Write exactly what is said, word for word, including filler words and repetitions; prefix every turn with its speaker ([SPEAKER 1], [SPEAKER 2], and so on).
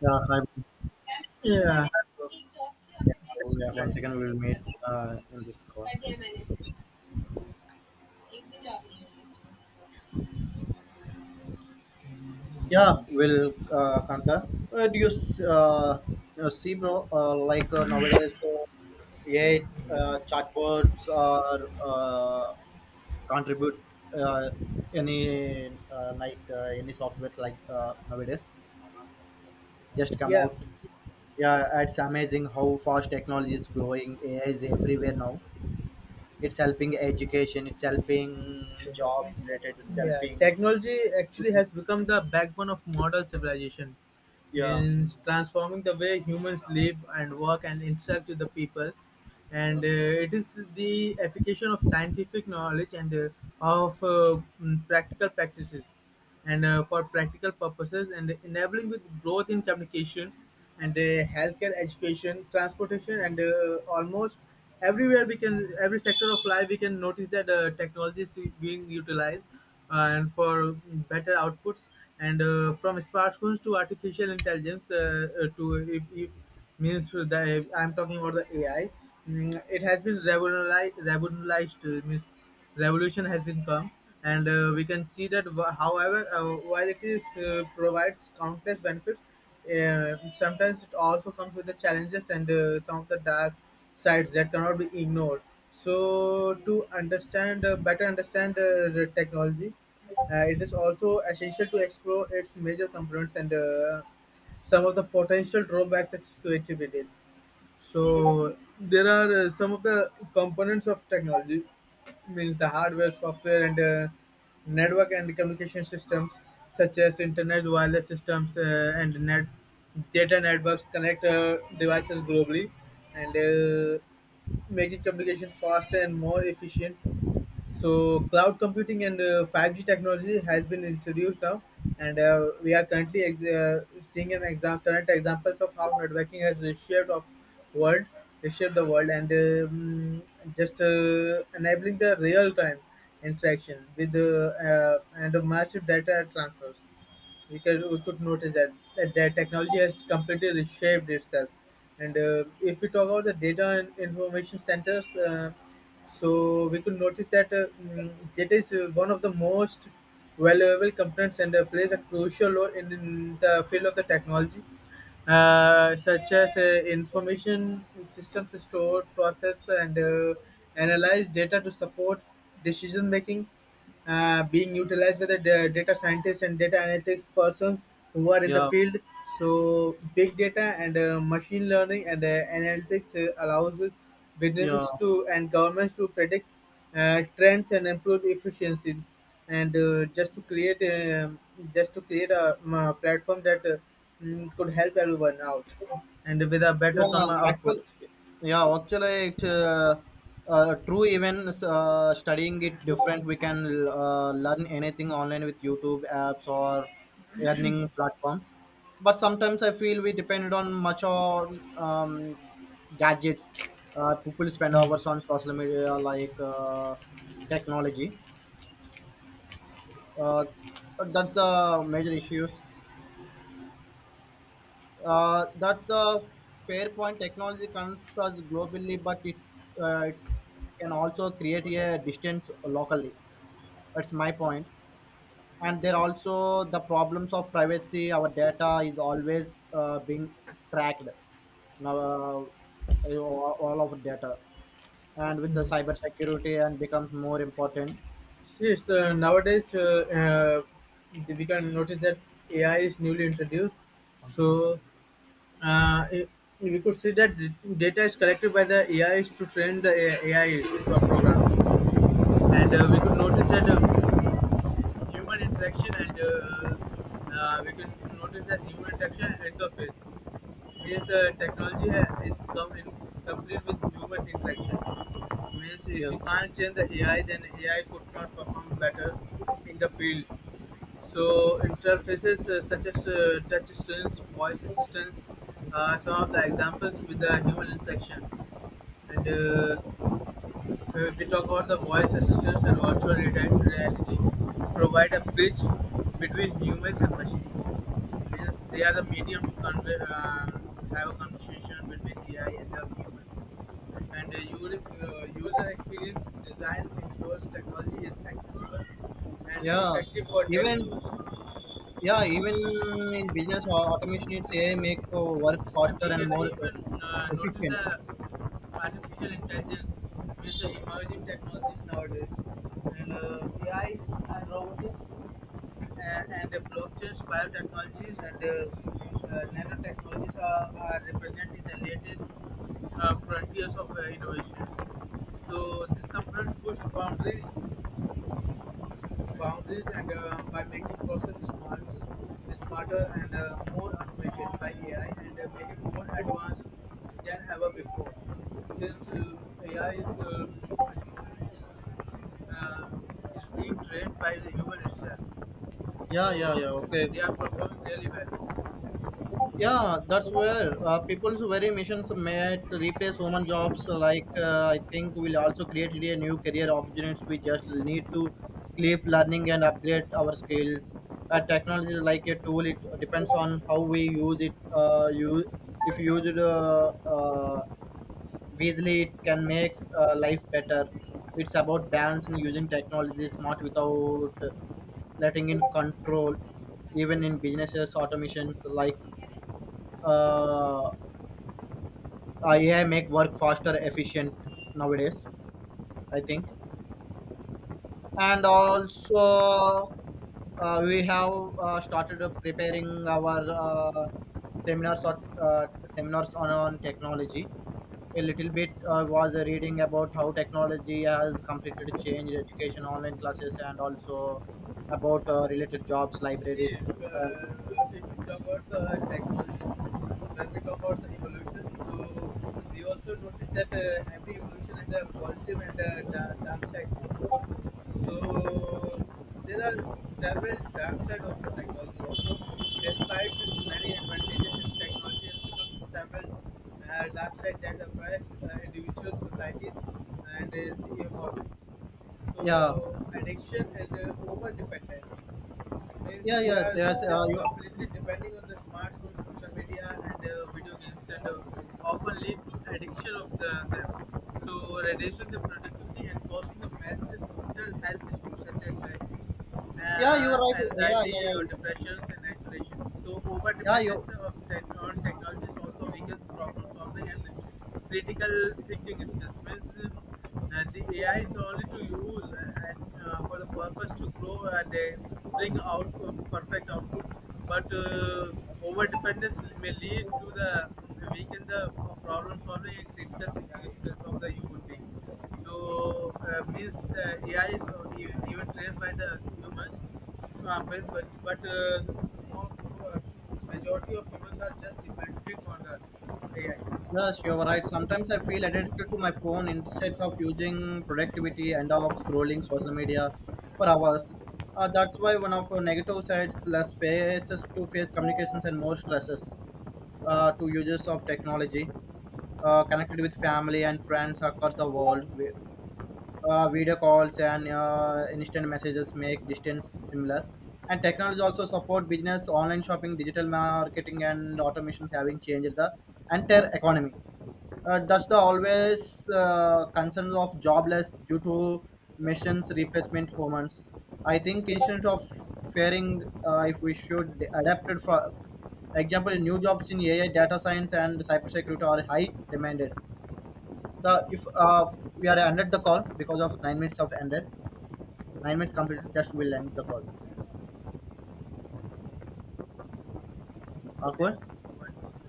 [SPEAKER 1] Yeah, hi.
[SPEAKER 2] Yeah, I have
[SPEAKER 1] Yeah,
[SPEAKER 2] a
[SPEAKER 1] yeah, one
[SPEAKER 2] side.
[SPEAKER 1] second, we'll meet uh, in this call. Yeah, we'll uh, counter. Uh, do you s- uh, you know, see, bro? Uh, like uh, nowadays, uh, A I uh, chatbots are uh, contribute uh, any uh, like uh, any software like uh, nowadays just come
[SPEAKER 2] Yeah,
[SPEAKER 1] out. Yeah, it's amazing how fast technology is growing. A I is everywhere now. It's helping education. It's helping jobs related. It's
[SPEAKER 2] yeah.
[SPEAKER 1] helping.
[SPEAKER 2] Technology actually has become the backbone of modern civilization.
[SPEAKER 1] yeah,
[SPEAKER 2] Means transforming the way humans live and work and interact with the people, and uh, it is the application of scientific knowledge and uh, of uh, mm, practical practices. and uh, for practical purposes and enabling with growth in communication and uh, healthcare education transportation and uh, almost everywhere we can every sector of life we can notice that uh, technology is being utilized uh, and for better outputs and uh, from smartphones to artificial intelligence uh, uh, to if, if means the I'm talking about the AI. Mm, it has been revolutionized, revolutionized uh, means revolution has been come and uh, we can see that wh- however, uh, while it is uh, provides countless benefits, uh, sometimes it also comes with the challenges and uh, some of the dark sides that cannot be ignored. So to understand uh, better understand uh, the technology, uh, it is also essential to explore its major components and uh, some of the potential drawbacks associated with it. So there are uh, some of the components of technology, means the hardware, software, and uh, network and communication systems, such as internet, wireless systems, uh, and net data networks connect uh, devices globally, and uh, making communication faster and more efficient. So cloud computing and uh, five G technology has been introduced now, and uh, we are currently ex- uh, seeing an exam- current examples of how networking has reshaped of world, reshaped the world, and um, just uh, enabling the real time interaction with the uh, and massive data transfers. We could, we could notice that, that that technology has completely reshaped itself. And uh, if we talk about the data and information centers, uh, so we could notice that uh, mm, data is uh, one of the most valuable components and uh, plays a crucial role in, in the field of the technology, uh, such as uh, information systems to store, process, and uh, analyze data to support decision making, uh, being utilized by the da- data scientists and data analytics persons who are in the
[SPEAKER 1] yeah,
[SPEAKER 2] field. So, big data and uh, machine learning and uh, analytics uh, allows
[SPEAKER 1] yeah, yeah.
[SPEAKER 2] businesses to and governments to predict uh, trends and improve efficiency. And uh, just to create um just to create a, um, a platform that uh, mm, could help everyone out and with a better
[SPEAKER 1] yeah
[SPEAKER 2] comma
[SPEAKER 1] Actually,
[SPEAKER 2] outputs.
[SPEAKER 1] yeah. Actually, it's uh, uh, true. Even uh, studying it different, we can uh, learn anything online with YouTube apps or learning platforms. But sometimes I feel we depend on much on um, gadgets. Uh, people spend hours on social media like uh, technology. Uh, that's the major issues. Uh, that's the fair point. Technology connects us globally, but it's uh, it's can also create a distance locally. That's my point. And there are also the problems of privacy. Our data is always uh, being tracked now. Uh, you know, all all of data, and with the
[SPEAKER 2] Hmm.
[SPEAKER 1] cyber security, and becomes more important.
[SPEAKER 2] Yes, uh, nowadays uh, uh, we can notice that A I is newly introduced. So uh, i- we could see that d- data is collected by the A Is to train the A- AI pro- programs, and uh, we could notice that uh, human interaction interaction and uh, uh, we can notice that human interaction interface means uh, technology ha- is come in complete with human interaction, means if we
[SPEAKER 1] Yes.
[SPEAKER 2] can't change the A I then A I could not perform better in the field. So interfaces uh, such as uh, touch screens voice assistants are some of the examples with the human interaction, and uh, uh, we talk about the voice assistants and virtual reti- reality provide a bridge between humans and machines. Yes, they are the medium to convey, um, have a conversation between A I and the human. And the user, uh, user experience design ensures technology is accessible and
[SPEAKER 1] Yeah.
[SPEAKER 2] effective for daily
[SPEAKER 1] Even
[SPEAKER 2] use.
[SPEAKER 1] yeah, even in business, au- automation it's A I make uh, work
[SPEAKER 2] And we
[SPEAKER 1] faster and
[SPEAKER 2] can
[SPEAKER 1] more uh,
[SPEAKER 2] even uh, notice
[SPEAKER 1] efficient.
[SPEAKER 2] the artificial intelligence with the emerging technologies nowadays. And uh, A I and robotics uh, and the blockchains, biotechnologies, and uh, uh, nanotechnologies are, are representing the latest uh, frontiers of uh, innovations. So these companies push boundaries, boundaries, and uh, by making processes smart, smarter and uh, more automated by A I, and uh, making more advanced than ever before. Since uh, A I is, uh, is, is, uh, is being trained by the human itself.
[SPEAKER 1] Yeah, yeah,
[SPEAKER 2] So
[SPEAKER 1] yeah. Okay.
[SPEAKER 2] they are performing really well.
[SPEAKER 1] Yeah, that's where uh, people's very missions might replace human jobs. uh, Like uh, I think will also create a new career opportunities. We just need to keep learning and upgrade our skills. Uh, technology is like a tool. It depends on how we use it. Uh, you if used. Uh, uh, Visually, it can make uh, life better. It's about balancing using technology smart without letting in control. Even in businesses, automations like uh, A I make work faster, efficient nowadays. I think, and also uh, we have uh, started uh, preparing our uh, seminars or uh, seminars on, on technology a little bit. I was reading about how technology has completely changed education, online classes, and also about uh, related jobs,
[SPEAKER 2] See,
[SPEAKER 1] libraries. Uh,
[SPEAKER 2] uh, if we talk about the technology, when we talk about the evolution, so we also notice that uh, every evolution has a positive and a da- dark side. So there are several dark side of the technology also. Despite its many advantages, in technology has become several uh, dark side that affects uh, individual societies and uh, the environment.
[SPEAKER 1] yeah,
[SPEAKER 2] So addiction and uh, over dependence means
[SPEAKER 1] yeah,
[SPEAKER 2] we
[SPEAKER 1] yes,
[SPEAKER 2] are
[SPEAKER 1] yes. Uh,
[SPEAKER 2] just
[SPEAKER 1] you,
[SPEAKER 2] completely depending on the smartphone, social media, and uh, video games, and uh, often lead to addiction of the, them. So, reducing the productivity and causing the mental mental health issues such as uh,
[SPEAKER 1] yeah, you're
[SPEAKER 2] uh,
[SPEAKER 1] right. Yeah, yeah,
[SPEAKER 2] anxiety or
[SPEAKER 1] yeah.
[SPEAKER 2] depressions and isolation. So, over
[SPEAKER 1] Yeah, you.
[SPEAKER 2] dependence of tech- on technology also weakens problem solving and critical thinking skills means um, uh, the A I is only to use uh, and uh, for the purpose to grow and uh, bring out uh, perfect output. But uh, over dependence may lead to the weaken the problem solving and critical thinking skills of the human being. So uh, means the A I is uh, e- even trained by the humans. So, uh, but but, but uh, more, uh, majority of humans are just dependent on the
[SPEAKER 1] Yes,
[SPEAKER 2] A I.
[SPEAKER 1] you're right. Sometimes I feel addicted to my phone instead of using productivity and of scrolling social media for hours. Uh, that's why one of our negative sides less faces to face communications and more stresses uh, to users of technology. Uh, connected with family and friends across the world. We, uh, video calls and uh, instant messages make distance similar. And technology also support business, online shopping, digital marketing, and automations having changed the entire economy. Uh, that's the always uh, concerns of jobless due to machines replacement humans. I think instead of fearing, uh, if we should adapt it for example, new jobs in A I, data science, and cybersecurity are high demanded the if uh, we are ended the call because of nine minutes of ended, nine minutes completed, just we'll end the call. Okay.
[SPEAKER 2] Okay.